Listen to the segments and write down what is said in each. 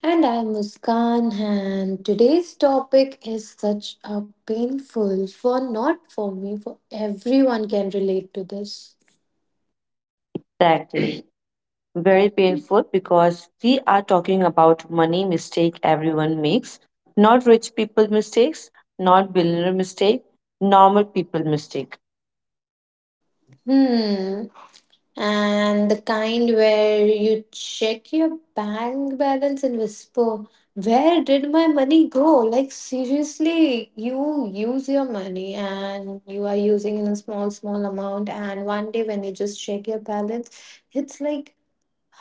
And I'm Muskan, and today's topic is such a painful for not for me, for everyone can relate to this. Exactly. Very painful because we are talking about money mistake everyone makes. Not rich people mistakes, not billionaire mistake, normal people mistake. Hmm. And the kind where you check your bank balance and whisper, "Where did my money go?" Like, seriously, you use your money and you are using in a small, small amount. And one day when you just check your balance, it's like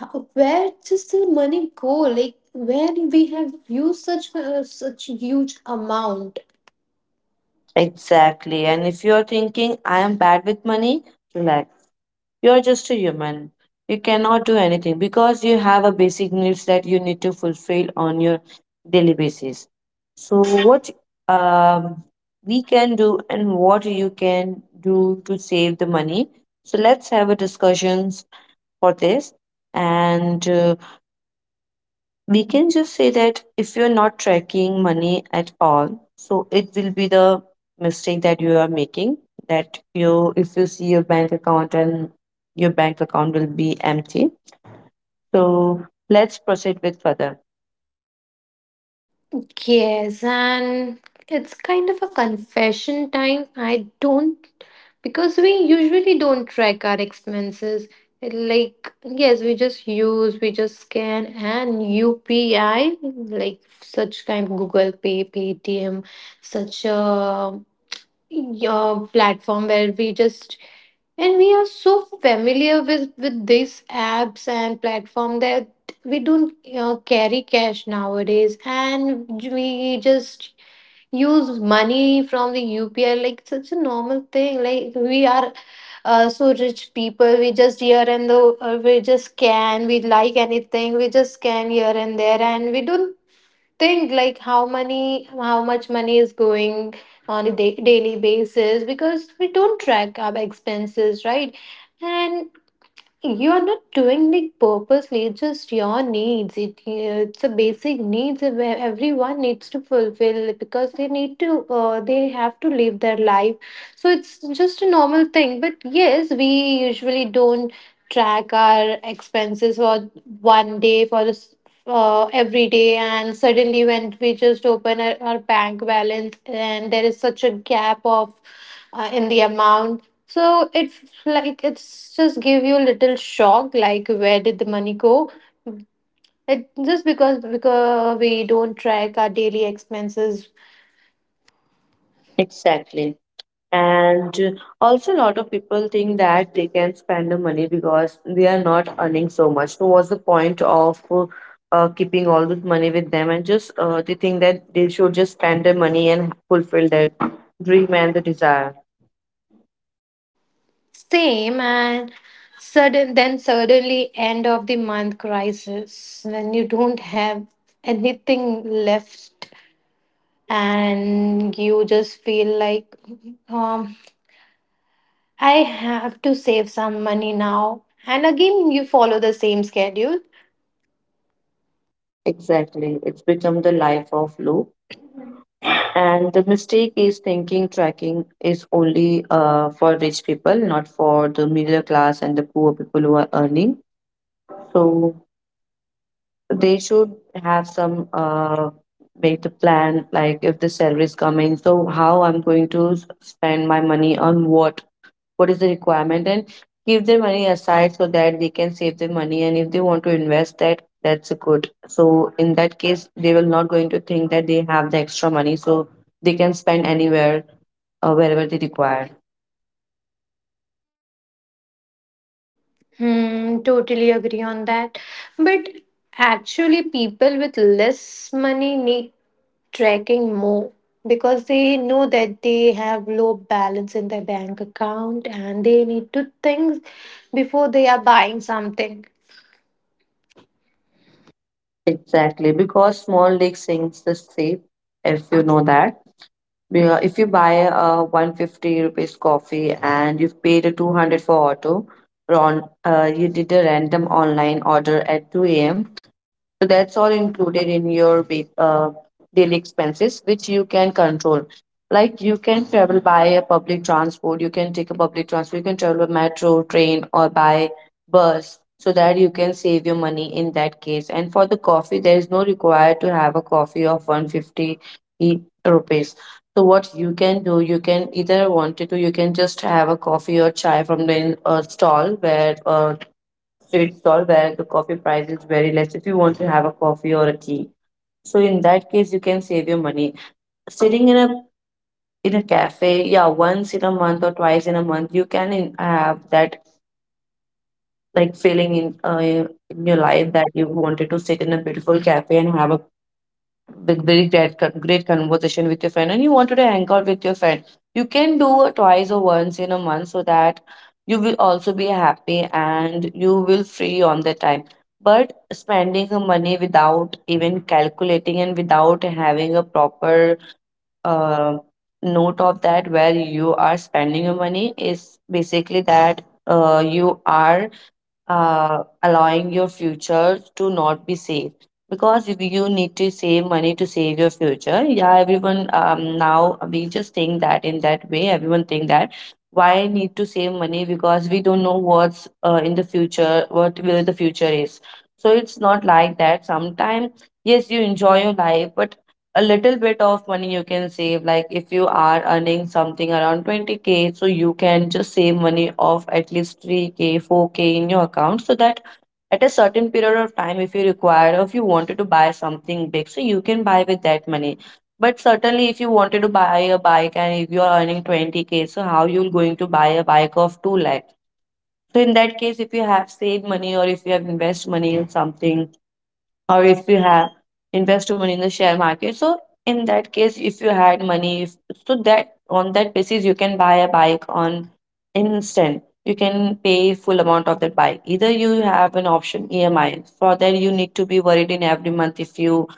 Where does the money go, like when we have used such such huge amount. Exactly. And if you're thinking I am bad with money, relax. You are just a human. You cannot do anything because you have a basic needs that you need to fulfill on your daily basis. So what um, we can do and what you can do to save the money. So let's have a discussions for this and we can just say that if you're not tracking money at all, so it will be the mistake that you are making, that you, if you see your bank account, and your bank account will be empty. So let's proceed with further. Yes, and it's kind of a confession time. I don't, because we usually don't track our expenses. Like, yes, we just use, we just scan, and UPI, like such kind of Google Pay, Paytm, such a your platform where we just, and we are so familiar with these apps and platform that we don't carry cash nowadays, and we just use money from the UPI, like such a normal thing, like we are so rich people, we just here and the we just scan, we like anything, we just scan here and there, and we don't think like how many how much money is going on a daily basis because we don't track our expenses, right? And you are not doing it purposely, it's just your needs, it's a basic needs where everyone needs to fulfill because they need to they have to live their life. So it's just a normal thing, but yes, we usually don't track our expenses for one day for this every day, and suddenly when we just open our bank balance and there is such a gap of in the amount, so it's like, it's just give you a little shock, like where did the money go? It just because we don't track our daily expenses. Exactly. And also, a lot of people think that they can spend the money because they are not earning so much. So what's the point of keeping all this money with them? And just they think that they should just spend their money and fulfill that dream and the desire. Same, and suddenly end of the month crisis when you don't have anything left, and you just feel like um I have to save some money now, and again you follow the same schedule. Exactly. It's become the life of loop. And the mistake is thinking tracking is only for rich people, not for the middle class and the poor people who are earning. So they should have some make the plan, like if the salary is coming, so how I'm going to spend my money, on what is the requirement, and keep their money aside so that they can save their money. And if they want to invest that, that's good. So in that case they will not going to think that they have the extra money, so they can spend anywhere, wherever they require. Hmm, totally agree on that. But actually, people with less money need tracking more because they know that they have low balance in their bank account and they need to think before they are buying something. Exactly, because small lake sinks the sea. If you know that, yeah, if you buy a 150 rupees coffee and you've paid a 200 for auto, Ron, you did a random online order at 2 a.m. So that's all included in your daily expenses, which you can control. Like you can travel by a public transport, you can take a public transport, you can travel by metro, train, or by bus, so that you can save your money in that case. And for the coffee, there is no required to have a coffee of 150 rupees. So what you can do, you can you can just have a coffee or chai from the stall where street stall, where the coffee price is very less. If you want to have a coffee or a tea, so in that case you can save your money. Sitting in a cafe, yeah, once in a month or twice in a month, you can have that like feeling in your life, that you wanted to sit in a beautiful cafe and have a big, very great, great conversation with your friend and you wanted to hang out with your friend. You can do it twice or once in a month, so that you will also be happy and you will free on the time. But spending the money without even calculating and without having a proper uh, note of that, where you are spending your money, is basically that you are allowing your future to not be safe. Because if you need to save money to save your future, yeah, everyone, now we just think that in that way, everyone think that why I need to save money, because we don't know what's in the future, what will the future is. So it's not like that. Sometimes, yes, you enjoy your life, but a little bit of money you can save. Like if you are earning something around 20k, so you can just save money of at least 3k, 4k in your account, so that at a certain period of time, if you require or if you wanted to buy something big, so you can buy with that money. But certainly, if you wanted to buy a bike and if you are earning 20k, so how you're going to buy a bike of 2 lakh? So in that case, if you have saved money or if you have invested money in something, or if you have invested money in the share market, so in that case if you had money, if, so that on that basis you can buy a bike on instant, you can pay full amount of that bike. Either you have an option EMI, for that you need to be worried in every month. If you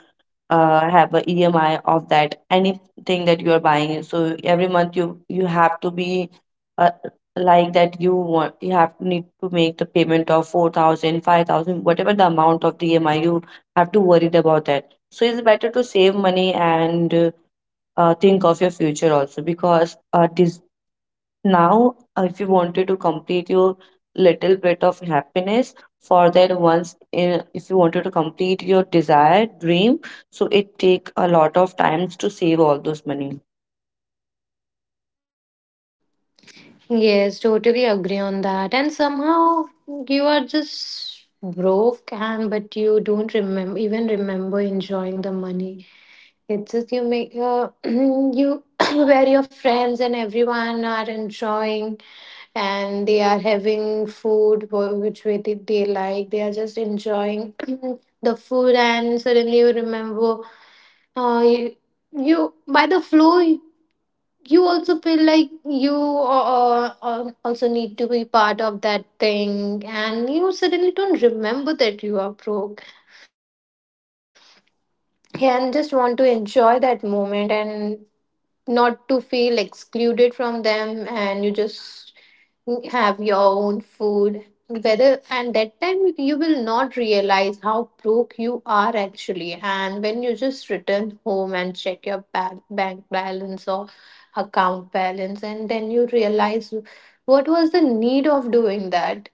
have a EMI of that, anything that you are buying, so every month you have to be uh, like that, you have need to make the payment of 4,000, 5,000, whatever the amount of the EMI, you have to worried about that. So it's better to save money and think of your future also, because this now, if you wanted to complete your little bit of happiness, for that once in, if you wanted to complete your desired dream, so it take a lot of times to save all those money. Yes, totally agree on that. And somehow you are just broke, and but you don't remember even remember enjoying the money. It's just you make you where your friends and everyone are enjoying, and they are having food which way they like. They are just enjoying the food, and suddenly you remember uh, you, you by the flow, you also feel like you also need to be part of that thing, and you suddenly don't remember that you are broke and just want to enjoy that moment and not to feel excluded from them, and you just have your own food whether, and that time you will not realize how broke you are actually. And when you just return home and check your bank balance or account balance and then you realize what was the need of doing that,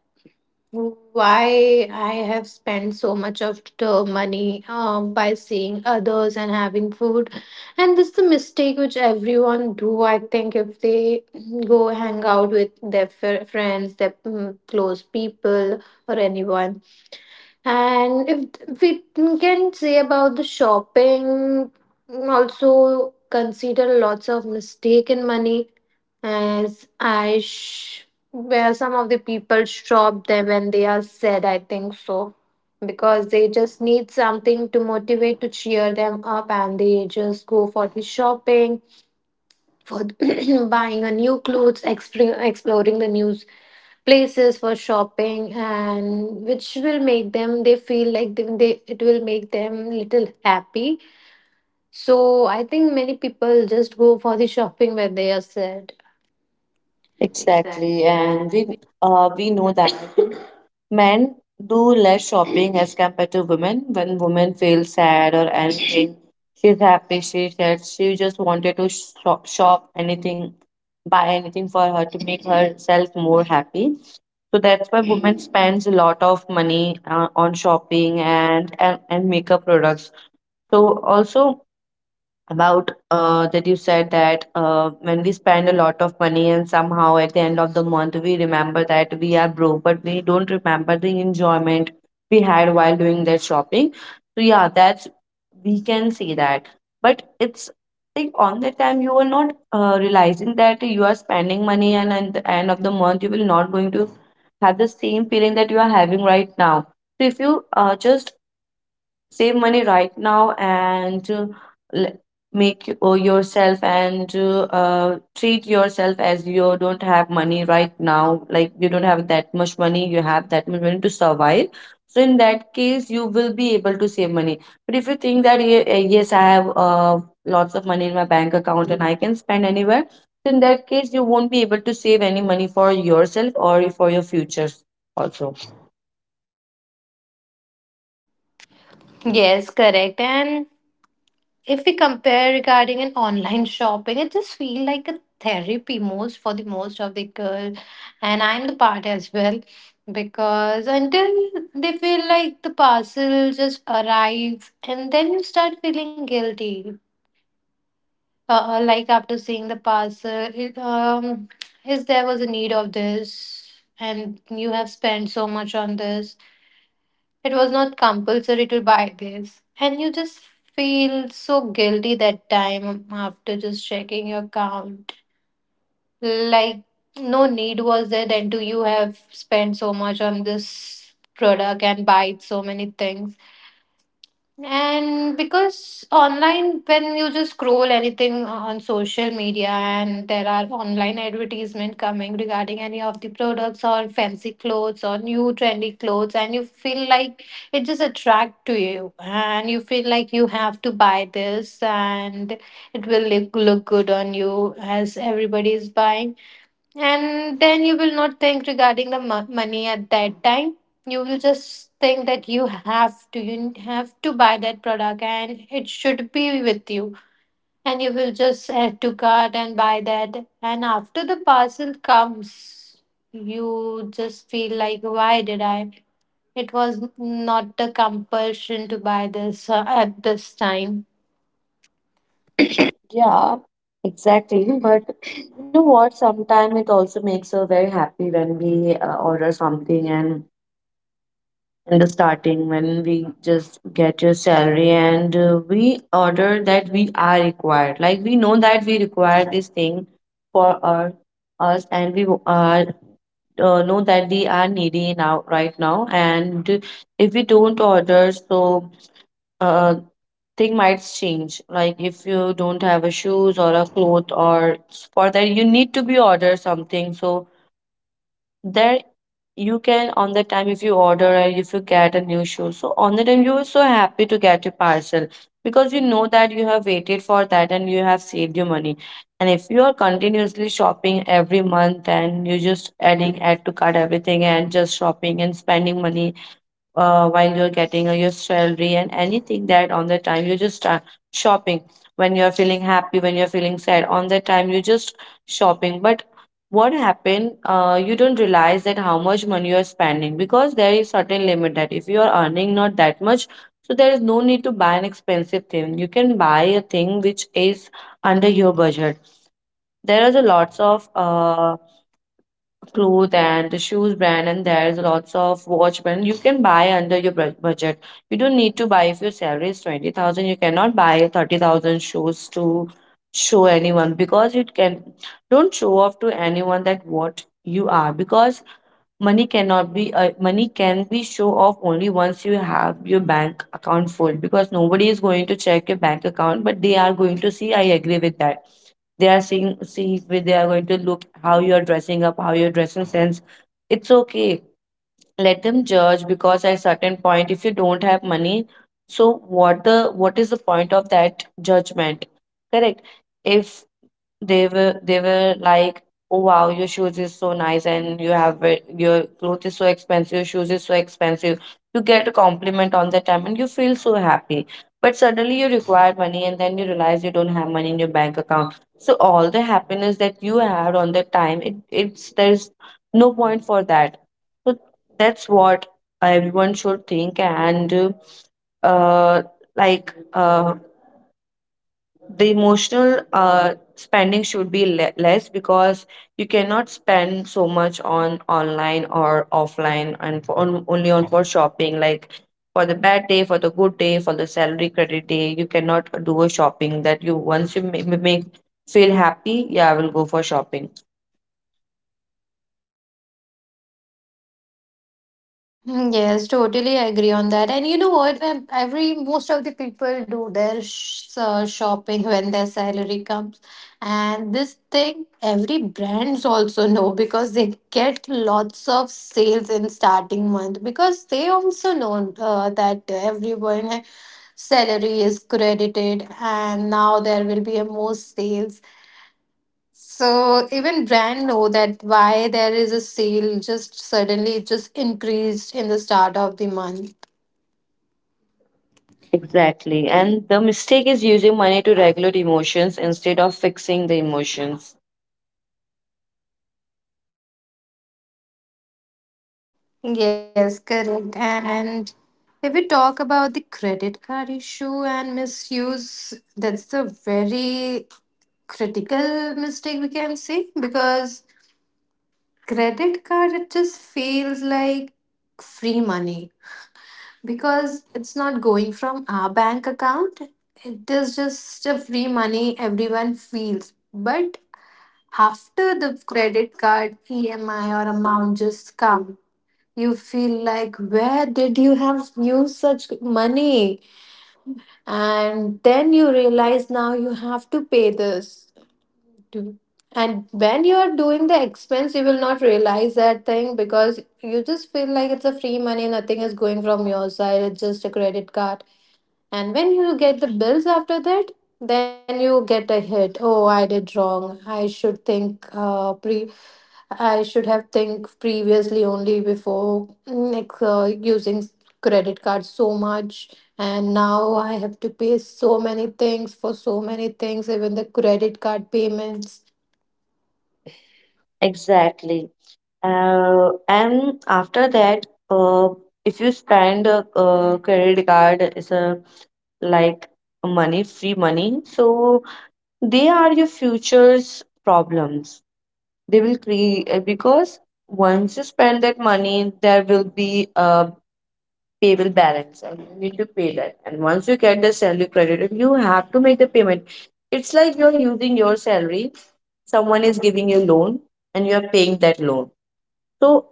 why I have spent so much of the money by seeing others and having food. And this is the mistake which everyone do. I think if they go hang out with their friends, their close people, or anyone. And if we can say about the shopping, also consider lots of mistake in money, as I sh- where some of the people stop them when they are sad, I think so, because they just need something to motivate to cheer them up, and they just go for the shopping, for buying a new clothes, exploring the new places for shopping, and which will make them they feel like they it will make them little happy. So I think many people just go for the shopping when they are sad. Exactly, Exactly, and and we know that men do less shopping as compared to women. When women feel sad or anything, she's happy, she said she just wanted to shop, shop anything, buy anything for her to make herself more happy. So that's why women spends a lot of money on shopping, and makeup products. So also about that you said, that when we spend a lot of money and somehow at the end of the month we remember that we are broke, but we don't remember the enjoyment we had while doing that shopping. So yeah, that's, we can say that, but it's like on the time you are not realizing that you are spending money, and at the end of the month you will not going to have the same feeling that you are having right now. So if you just save money right now, and l- make yourself, and treat yourself as you don't have money right now, like you don't have that much money, you have that much money to survive. So in that case you will be able to save money. But if you think that, yes, I have lots of money in my bank account and I can spend anywhere," so in that case you won't be able to save any money for yourself or for your futures also. yes, correct. And if we compare regarding an online shopping, it just feel like a therapy most for the most of the girl, and I'm the part as well, because until they feel like the parcel just arrives, and then you start feeling guilty. Like after seeing the parcel, is there was a need of this, and you have spent so much on this, it was not compulsory to buy this. And you just feel so guilty that time after just checking your account. Like, no need was there then to you have spent so much on this product and buy so many things. And because online, when you just scroll anything on social media and there are online advertisement coming regarding any of the products or fancy clothes or new trendy clothes, and you feel like it just attract to you, and you feel like you have to buy this, and it will look good on you as everybody is buying, and then you will not think regarding the money at that time. You will just think that you have to buy that product and it should be with you. And you will just add to cart and buy that. And after the parcel comes, you just feel like, why did I? It was not a compulsion to buy this at this time. Yeah, exactly. But you know what? Sometimes it also makes her very happy when we order something. And in the starting when we just get your salary and we order that we are required. Like we know that we require this thing for our us, and we are know that we are needy now, right now. And if we don't order, so uh thing might change. Like if you don't have a shoes or a cloth, or for that you need to be order something, so there you can on the time, if you order and if you get a new shoe, so on the time you are so happy to get your parcel, because you know that you have waited for that and you have saved your money. And if you are continuously shopping every month, and you just adding add to cart everything and just shopping and spending money while you're getting your salary, and anything that on the time you just shopping, when you're feeling happy, when you're feeling sad, on that time you just shopping. But what happened, you don't realize that how much money you're spending, because there is certain limit, that if you are earning not that much, so there is no need to buy an expensive thing. You can buy a thing which is under your budget. There is a lots of clothes and the shoes brand, and there's lots of watch brand you can buy under your budget. You don't need to buy if your salary is 20,000 you cannot buy 30,000 shoes to show anyone, because you can don't show off to anyone that what you are. Because money cannot be money can be show off only once you have your bank account full, because nobody is going to check your bank account, but they are going to see. I agree with that. They are seeing see they are going to look how you are dressing up, how your dressing sense. It's okay. Let them judge, because at certain point, if you don't have money, so what is the point of that judgment? Correct. If they were like, "Oh wow, your shoes is so nice, and you have your clothes is so expensive, your shoes is so expensive." You get a compliment on that time, and you feel so happy. But suddenly you require money, and then you realize you don't have money in your bank account. So all the happiness that you had on that time, it, it's there's no point for that. So that's what everyone should think, and uh like the emotional spending should be less, because you cannot spend so much on online or offline and for on, only on for shopping, like for the bad day, for the good day, for the salary credit day. You cannot do a shopping that you once you make feel happy. Yeah, I will go for shopping. Mm, yes, totally agree on that. And you know what? When Every most of the people do their shopping when their salary comes, and this thing every brands also know because they get lots of sales in starting month because they also know that everyone salary is credited and now there will be a more sales, so even brand know that why there is a sale just suddenly it just increased in the start of the month. Exactly, and the mistake is using money to regulate emotions instead of fixing the emotions. Yes, correct. And if we talk about the credit card issue and misuse, that's a very critical mistake we can say, because credit card it just feels like free money because it's not going from our bank account. It is just a free money everyone feels. But after the credit card EMI or amount just come, you feel like where did you have used such money? And then you realize now you have to pay this. to- And when you are doing the expense, you will not realize that thing because you just feel like it's a free money, nothing is going from your side, it's just a credit card. And when you get the bills after that, then you get a hit. Oh, I did wrong. I should think pre. I should have think previously only before using credit card so much, and now I have to pay so many things for so many things, even the credit card payments. Exactly. And after that, if you spend credit card is a like money, free money, so they are your future's problems. They will create, because once you spend that money, there will be a payable balance, and you need to pay that. And once you get the salary credited, you have to make the payment. It's like you're using your salary, someone is giving you loan, and you are paying that loan. So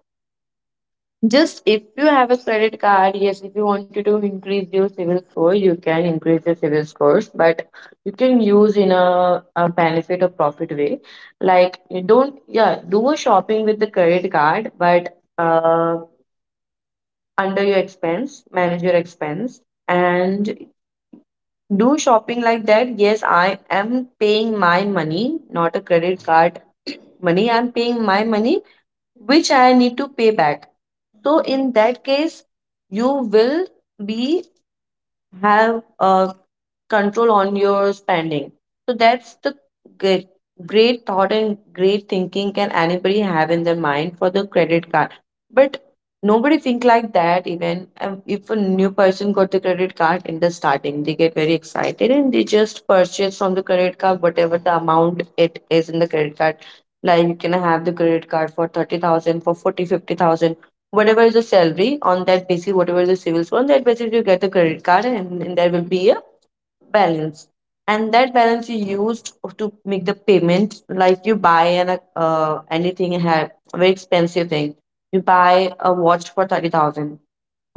just if you have a credit card, yes, if you wanted to increase your civil score, you can increase your civil scores, but you can use in a benefit or profit way. Like you don't, yeah, do a shopping with the credit card, but under your expense, manage your expense, and do shopping like that. Yes, I am paying my money, not a credit card money. I'm paying my money, which I need to pay back. So in that case, you will be have, control on your spending. So that's the g- great thought and great thinking can anybody have in their mind for the credit card. But nobody think like that, even if a new person got the credit card in the starting, they get very excited and they just purchase from the credit card whatever the amount it is in the credit card. Like you can have the credit card for 30,000, for 40, 50,000, whatever is the salary. On that basis, whatever is the civil, so on that basis you get the credit card, and there will be balance, and that balance you used to make the payment. Like you buy an anything very expensive thing, you buy a watch for 30,000,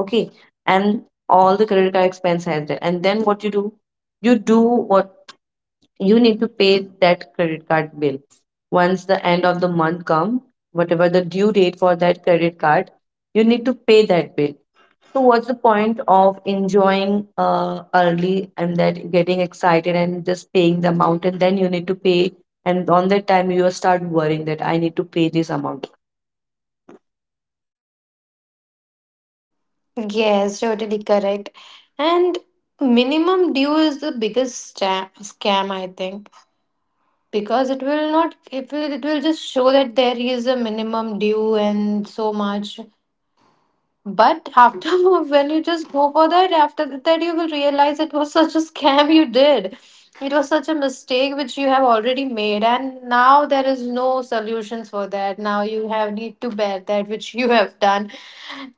okay, and all the credit card expense has there. And then what you do, you do what, you need to pay that credit card bill. Once the end of the month come, whatever the due date for that credit card, you need to pay that bill. So what's the point of enjoying early and that getting excited and just paying the amount, and then you need to pay, and on that time you start worrying that I need to pay this amount. Yes, totally correct. And minimum due is the biggest scam, I think, because it will not it will it will just show that there is a minimum due and so much, but after when you just go for that, after that you will realize it was such a scam you did. It was such a mistake which you have already made, and now there is no solutions for that, now you have need to bear that which you have done.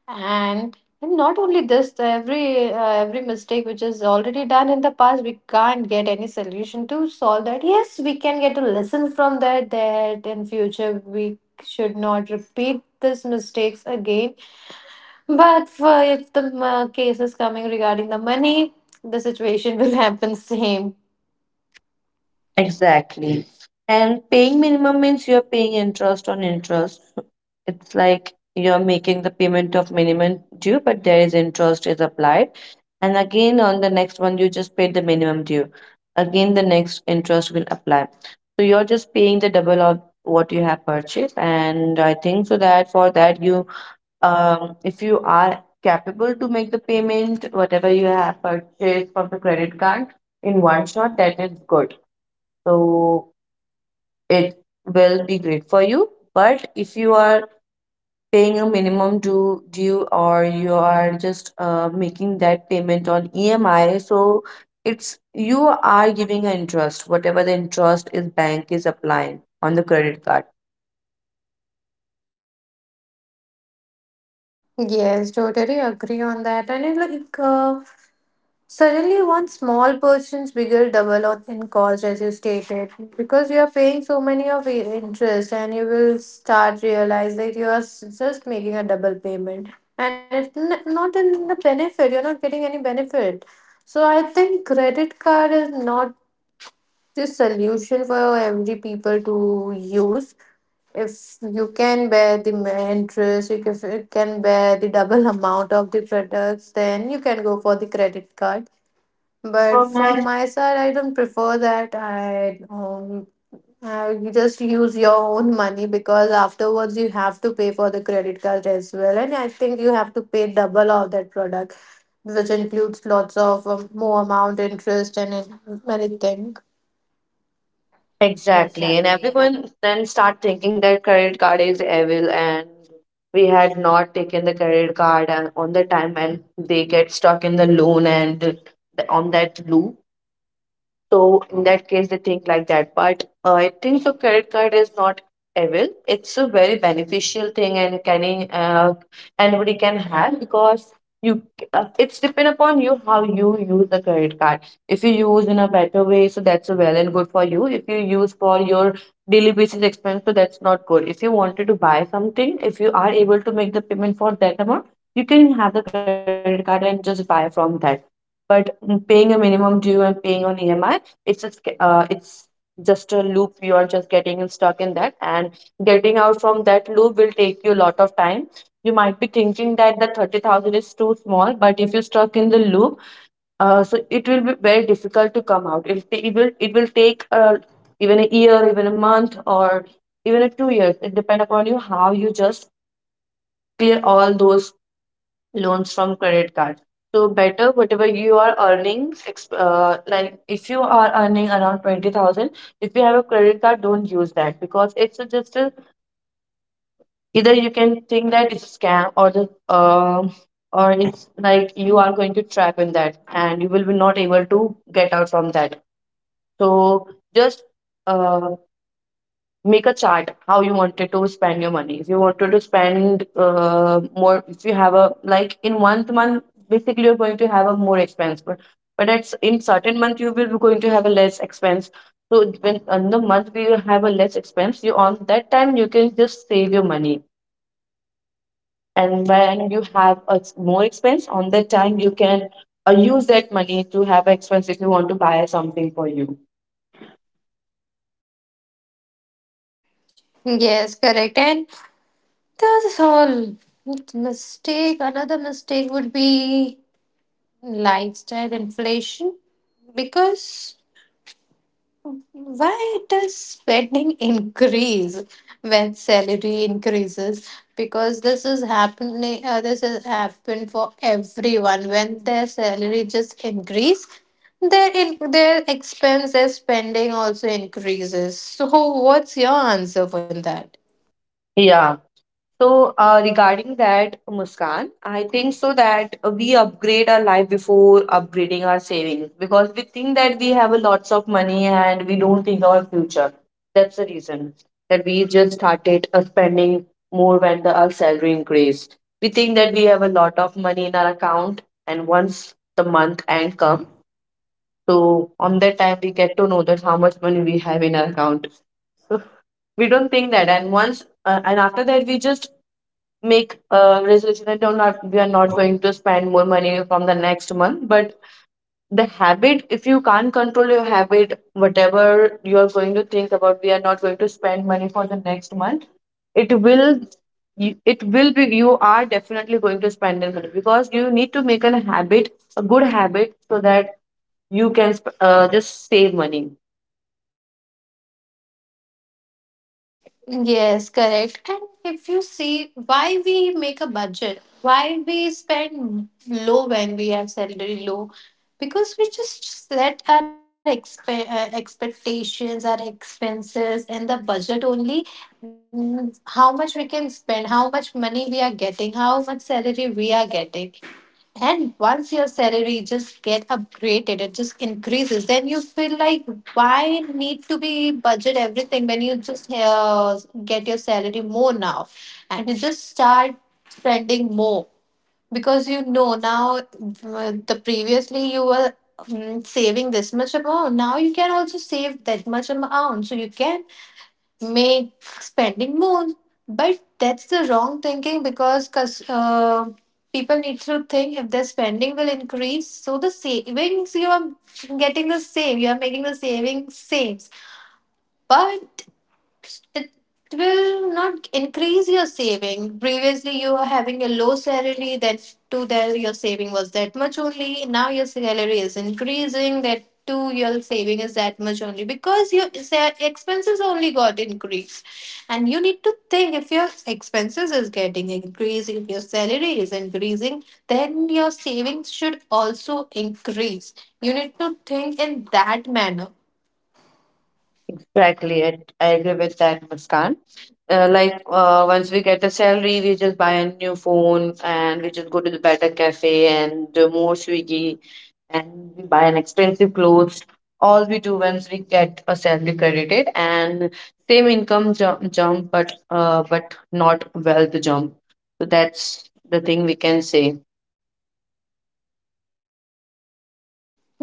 and and not only this, the every mistake which is already done in the past, we can't get any solution to solve that. Yes, we can get a lesson from that, that in future we should not repeat these mistakes again. But for if the case is coming regarding the money, the situation will happen same. Exactly. And paying minimum means you're paying interest on interest. It's like you're making the payment of minimum due, but there is interest is applied. And again, on the next one, you just paid the minimum due. Again, the next interest will apply. So you're just paying the double of what you have purchased. And I think so that for that, if you are capable to make the payment, whatever you have purchased from the credit card in one shot, that is good, so it will be great for you. But if you are paying a minimum due or you are just making that payment on EMI, so it's you are giving an interest, whatever the interest is bank is applying on the credit card. Yes, totally agree on that. And it, like Suddenly, one small person's bigger in cost, as you stated, because you are paying so many of interest, and you will start realize that you are just making a double payment, and it's not in the benefit. You're not getting any benefit. So I think credit card is not the solution for every people to use. If you can bear the interest, if you can bear the double amount of the products, then you can go for the credit card, but How much? from my side, I don't prefer that. I you just use your own money because afterwards you have to pay for the credit card as well, and I think you have to pay double of that product, which includes lots of more amount, interest, and many things. Exactly, and Exactly. Everyone then start thinking that credit card is evil, and we had not taken the credit card and on the time, and they get stuck in the loan and on that loop. So in that case, they think like that. But I think so, credit card is not evil. It's a very beneficial thing, and can uh, anybody can have, because you it's depend upon you how you use the credit card. If you use in a better way, so that's a well and good for you. If you use for your daily basis expense, so that's not good. If you wanted to buy something, if you are able to make the payment for that amount, you can have the credit card and just buy from that. But paying a minimum due and paying on EMI, it's just a loop you are just getting stuck in that, and getting out from that loop will take you a lot of time. You might be thinking that the 30,000 is too small, but if you're stuck in the loop, so it will be very difficult to come out. It will take, even a year, even a month, or even a 2 years. It depends upon you how you just clear all those loans from credit card. So better whatever you are earning, like if you are earning around 20,000, if you have a credit card, don't use that, because it's a just a, either you can think that it's a scam, or the or it's like you are going to trap in that and you will be not able to get out from that. So just uh, make a chart how you wanted to spend your money. If you wanted to spend more, if you have a like in one month basically you're going to have a more expense, but it's in certain month you will be going to have a less expense. So when on the month we have a less expense, you on that time you can just save your money, and when you have a more expense, on that time you can use that money to have expense if you want to buy something for you. Yes, correct. And that's all. Mistake. Another mistake would be lifestyle inflation, because why does spending increase when salary increases? Because this is happening. This has happened for everyone. When their salary just increase, their their expenses spending also increases. So, what's your answer on that? Yeah. So, regarding that, Muskan, I think so that we upgrade our life before upgrading our savings, because we think that we have a lots of money and we don't think our future. That's the reason that we just started spending more when our salary increased. We think that we have a lot of money in our account, and once the month end come, so on that time we get to know that how much money we have in our account. We don't think that, and once and after that we just make a resolution that do not we are not going to spend more money from the next month. But the habit, if you can't control your habit, whatever you are going to think about, we are not going to spend money for the next month, it will, it will be you are definitely going to spend the money, because you need to make a habit, a good habit, so that you can just save money. Yes, correct. And if you see why we make a budget, why we spend low when we have salary low, because we just set our expectations, our expenses, and the budget only. Mm, how much we can spend, how much money we are getting, how much salary we are getting. And once your salary just get upgraded, it just increases. Then you feel like why need to be budget everything when you just get your salary more now, and you just start spending more because you know now the previously you were saving this much amount. Now you can also save that much amount, so you can make spending more. But that's the wrong thinking, because cause people need to think if their spending will increase, so the savings you are getting the same, you are making the savings saves. But it will not increase your saving. Previously, you were having a low salary, that too, there your saving was that much only. Now, your salary is increasing, that too, your saving is that much only because your expenses only got increased. And you need to think if your expenses is getting increased, if your salary is increasing, then your savings should also increase. You need to think in that manner. Exactly, I agree with that, Muskan. Like once we get a salary, we just buy a new phone and we just go to the better cafe and do more Swiggy, and we buy an expensive clothes. All we do once we get a salary credited. And same income jump, but not wealth jump. So that's the thing we can say.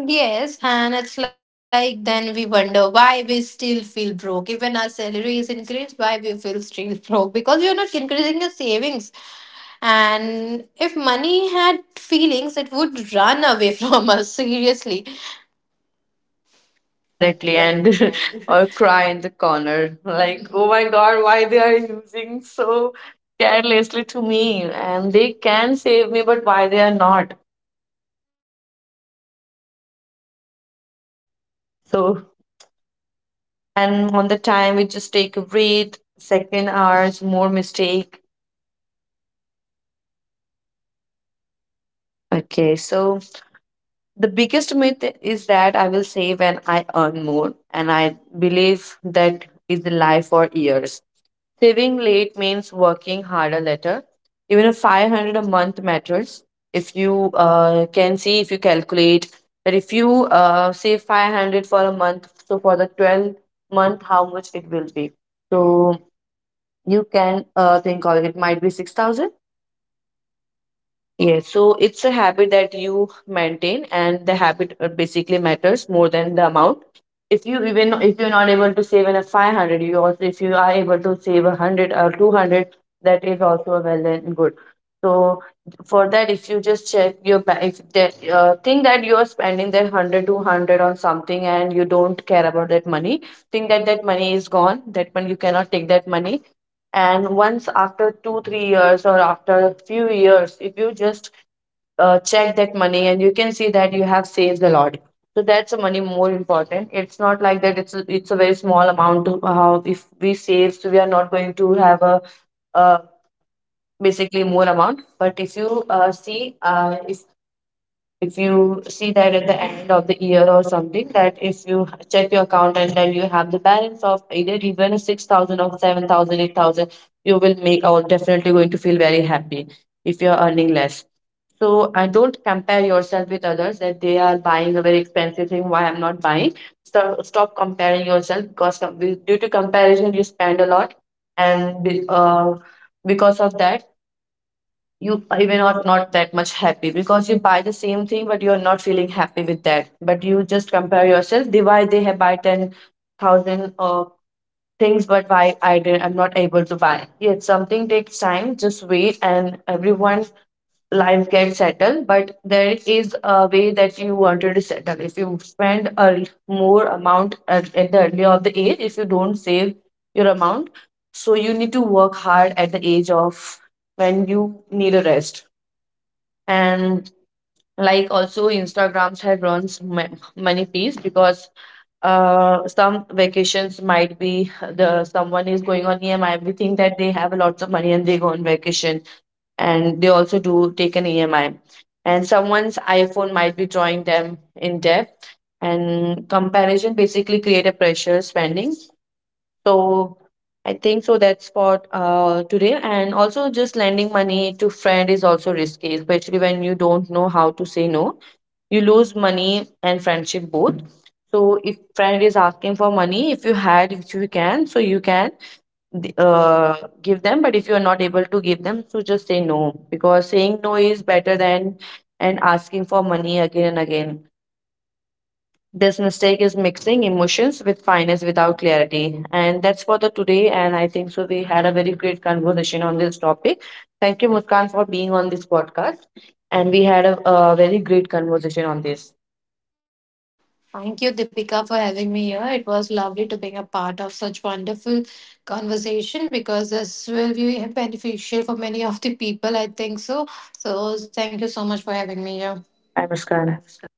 Yes, and it's like then we wonder why we still feel broke. Even our salary is increased, why we feel still broke? Because we are not increasing the savings. And if money had feelings, it would run away from us, seriously. Correctly. And Correctly. or And cry in the corner like, "Oh my god, why they are using so carelessly to me, and they can save me, but why they are not?" So, and on the time we just take a breath. Second hours more mistake. Okay, so the biggest myth is that I will save when I earn more, and I believe that is the lie for years. Saving late means working harder later. Even a 500 a month matters. If you can see, if you calculate that if you save 500 for a month, so for the 12-month, how much it will be. So you can think of it, might be 6,000. Yes, so it's a habit that you maintain, and the habit basically matters more than the amount. If you, even if you're not able to save in a 500, you also if you are able to save a 100 or 200, that is also a well and good. So for that, if you just check your if the think that you are spending that hundred two hundred on something and you don't care about that money, think that that money is gone. That money you cannot take that money, and once after 2, 3 years or after a few years, if you just check that money and you can see that you have saved a lot. So that's the money more important. It's not like that, it's a very small amount to, how if we save, so we are not going to have a, uh, basically more amount. But if you see, if you see that at the end of the year or something, that if you check your account and then you have the balance of either even a 6,000 or 7000 8000, you will make, or definitely going to feel very happy. If you are earning less, so I don't compare yourself with others, that they are buying a very expensive thing. Why I'm not buying? Stop, stop comparing yourself, because due to comparison you spend a lot, and because of that, you even are not that much happy, because you buy the same thing but you're not feeling happy with that. But you just compare yourself they why they have buy 10,000 things, but why I did I'm not able to buy. Yes, something takes time, just wait and everyone life gets settled, but there is a way that you wanted to settle. If you spend a more amount at the early of the age, if you don't save your amount, so you need to work hard at the age of when you need a rest. And like also instagrams had run many piece, because some vacations might be the someone is going on EMI. We think that they have lots of money and they go on vacation, and they also do take an EMI. And someone's iPhone might be drawing them in debt. And comparison basically create a pressure spending. So I think so, that's for today. And also just lending money to friend is also risky, especially when you don't know how to say no. You lose money and friendship both. So if friend is asking for money, if you had, if you can, so you can th- uh, give them. But if you are not able to give them, so just say no, because saying no is better than and asking for money again and again. This mistake is mixing emotions with finance without clarity. And that's for the today. And I think so, we had a very great conversation on this topic. Thank you, Muskan, for being on this podcast. And we had a very great conversation on this. thank you, Deepika, for having me here. It was lovely to being a part of such wonderful conversation because this will be beneficial for many of the people, I think so. So thank you so much for having me here. Bye, Muskan. Bye.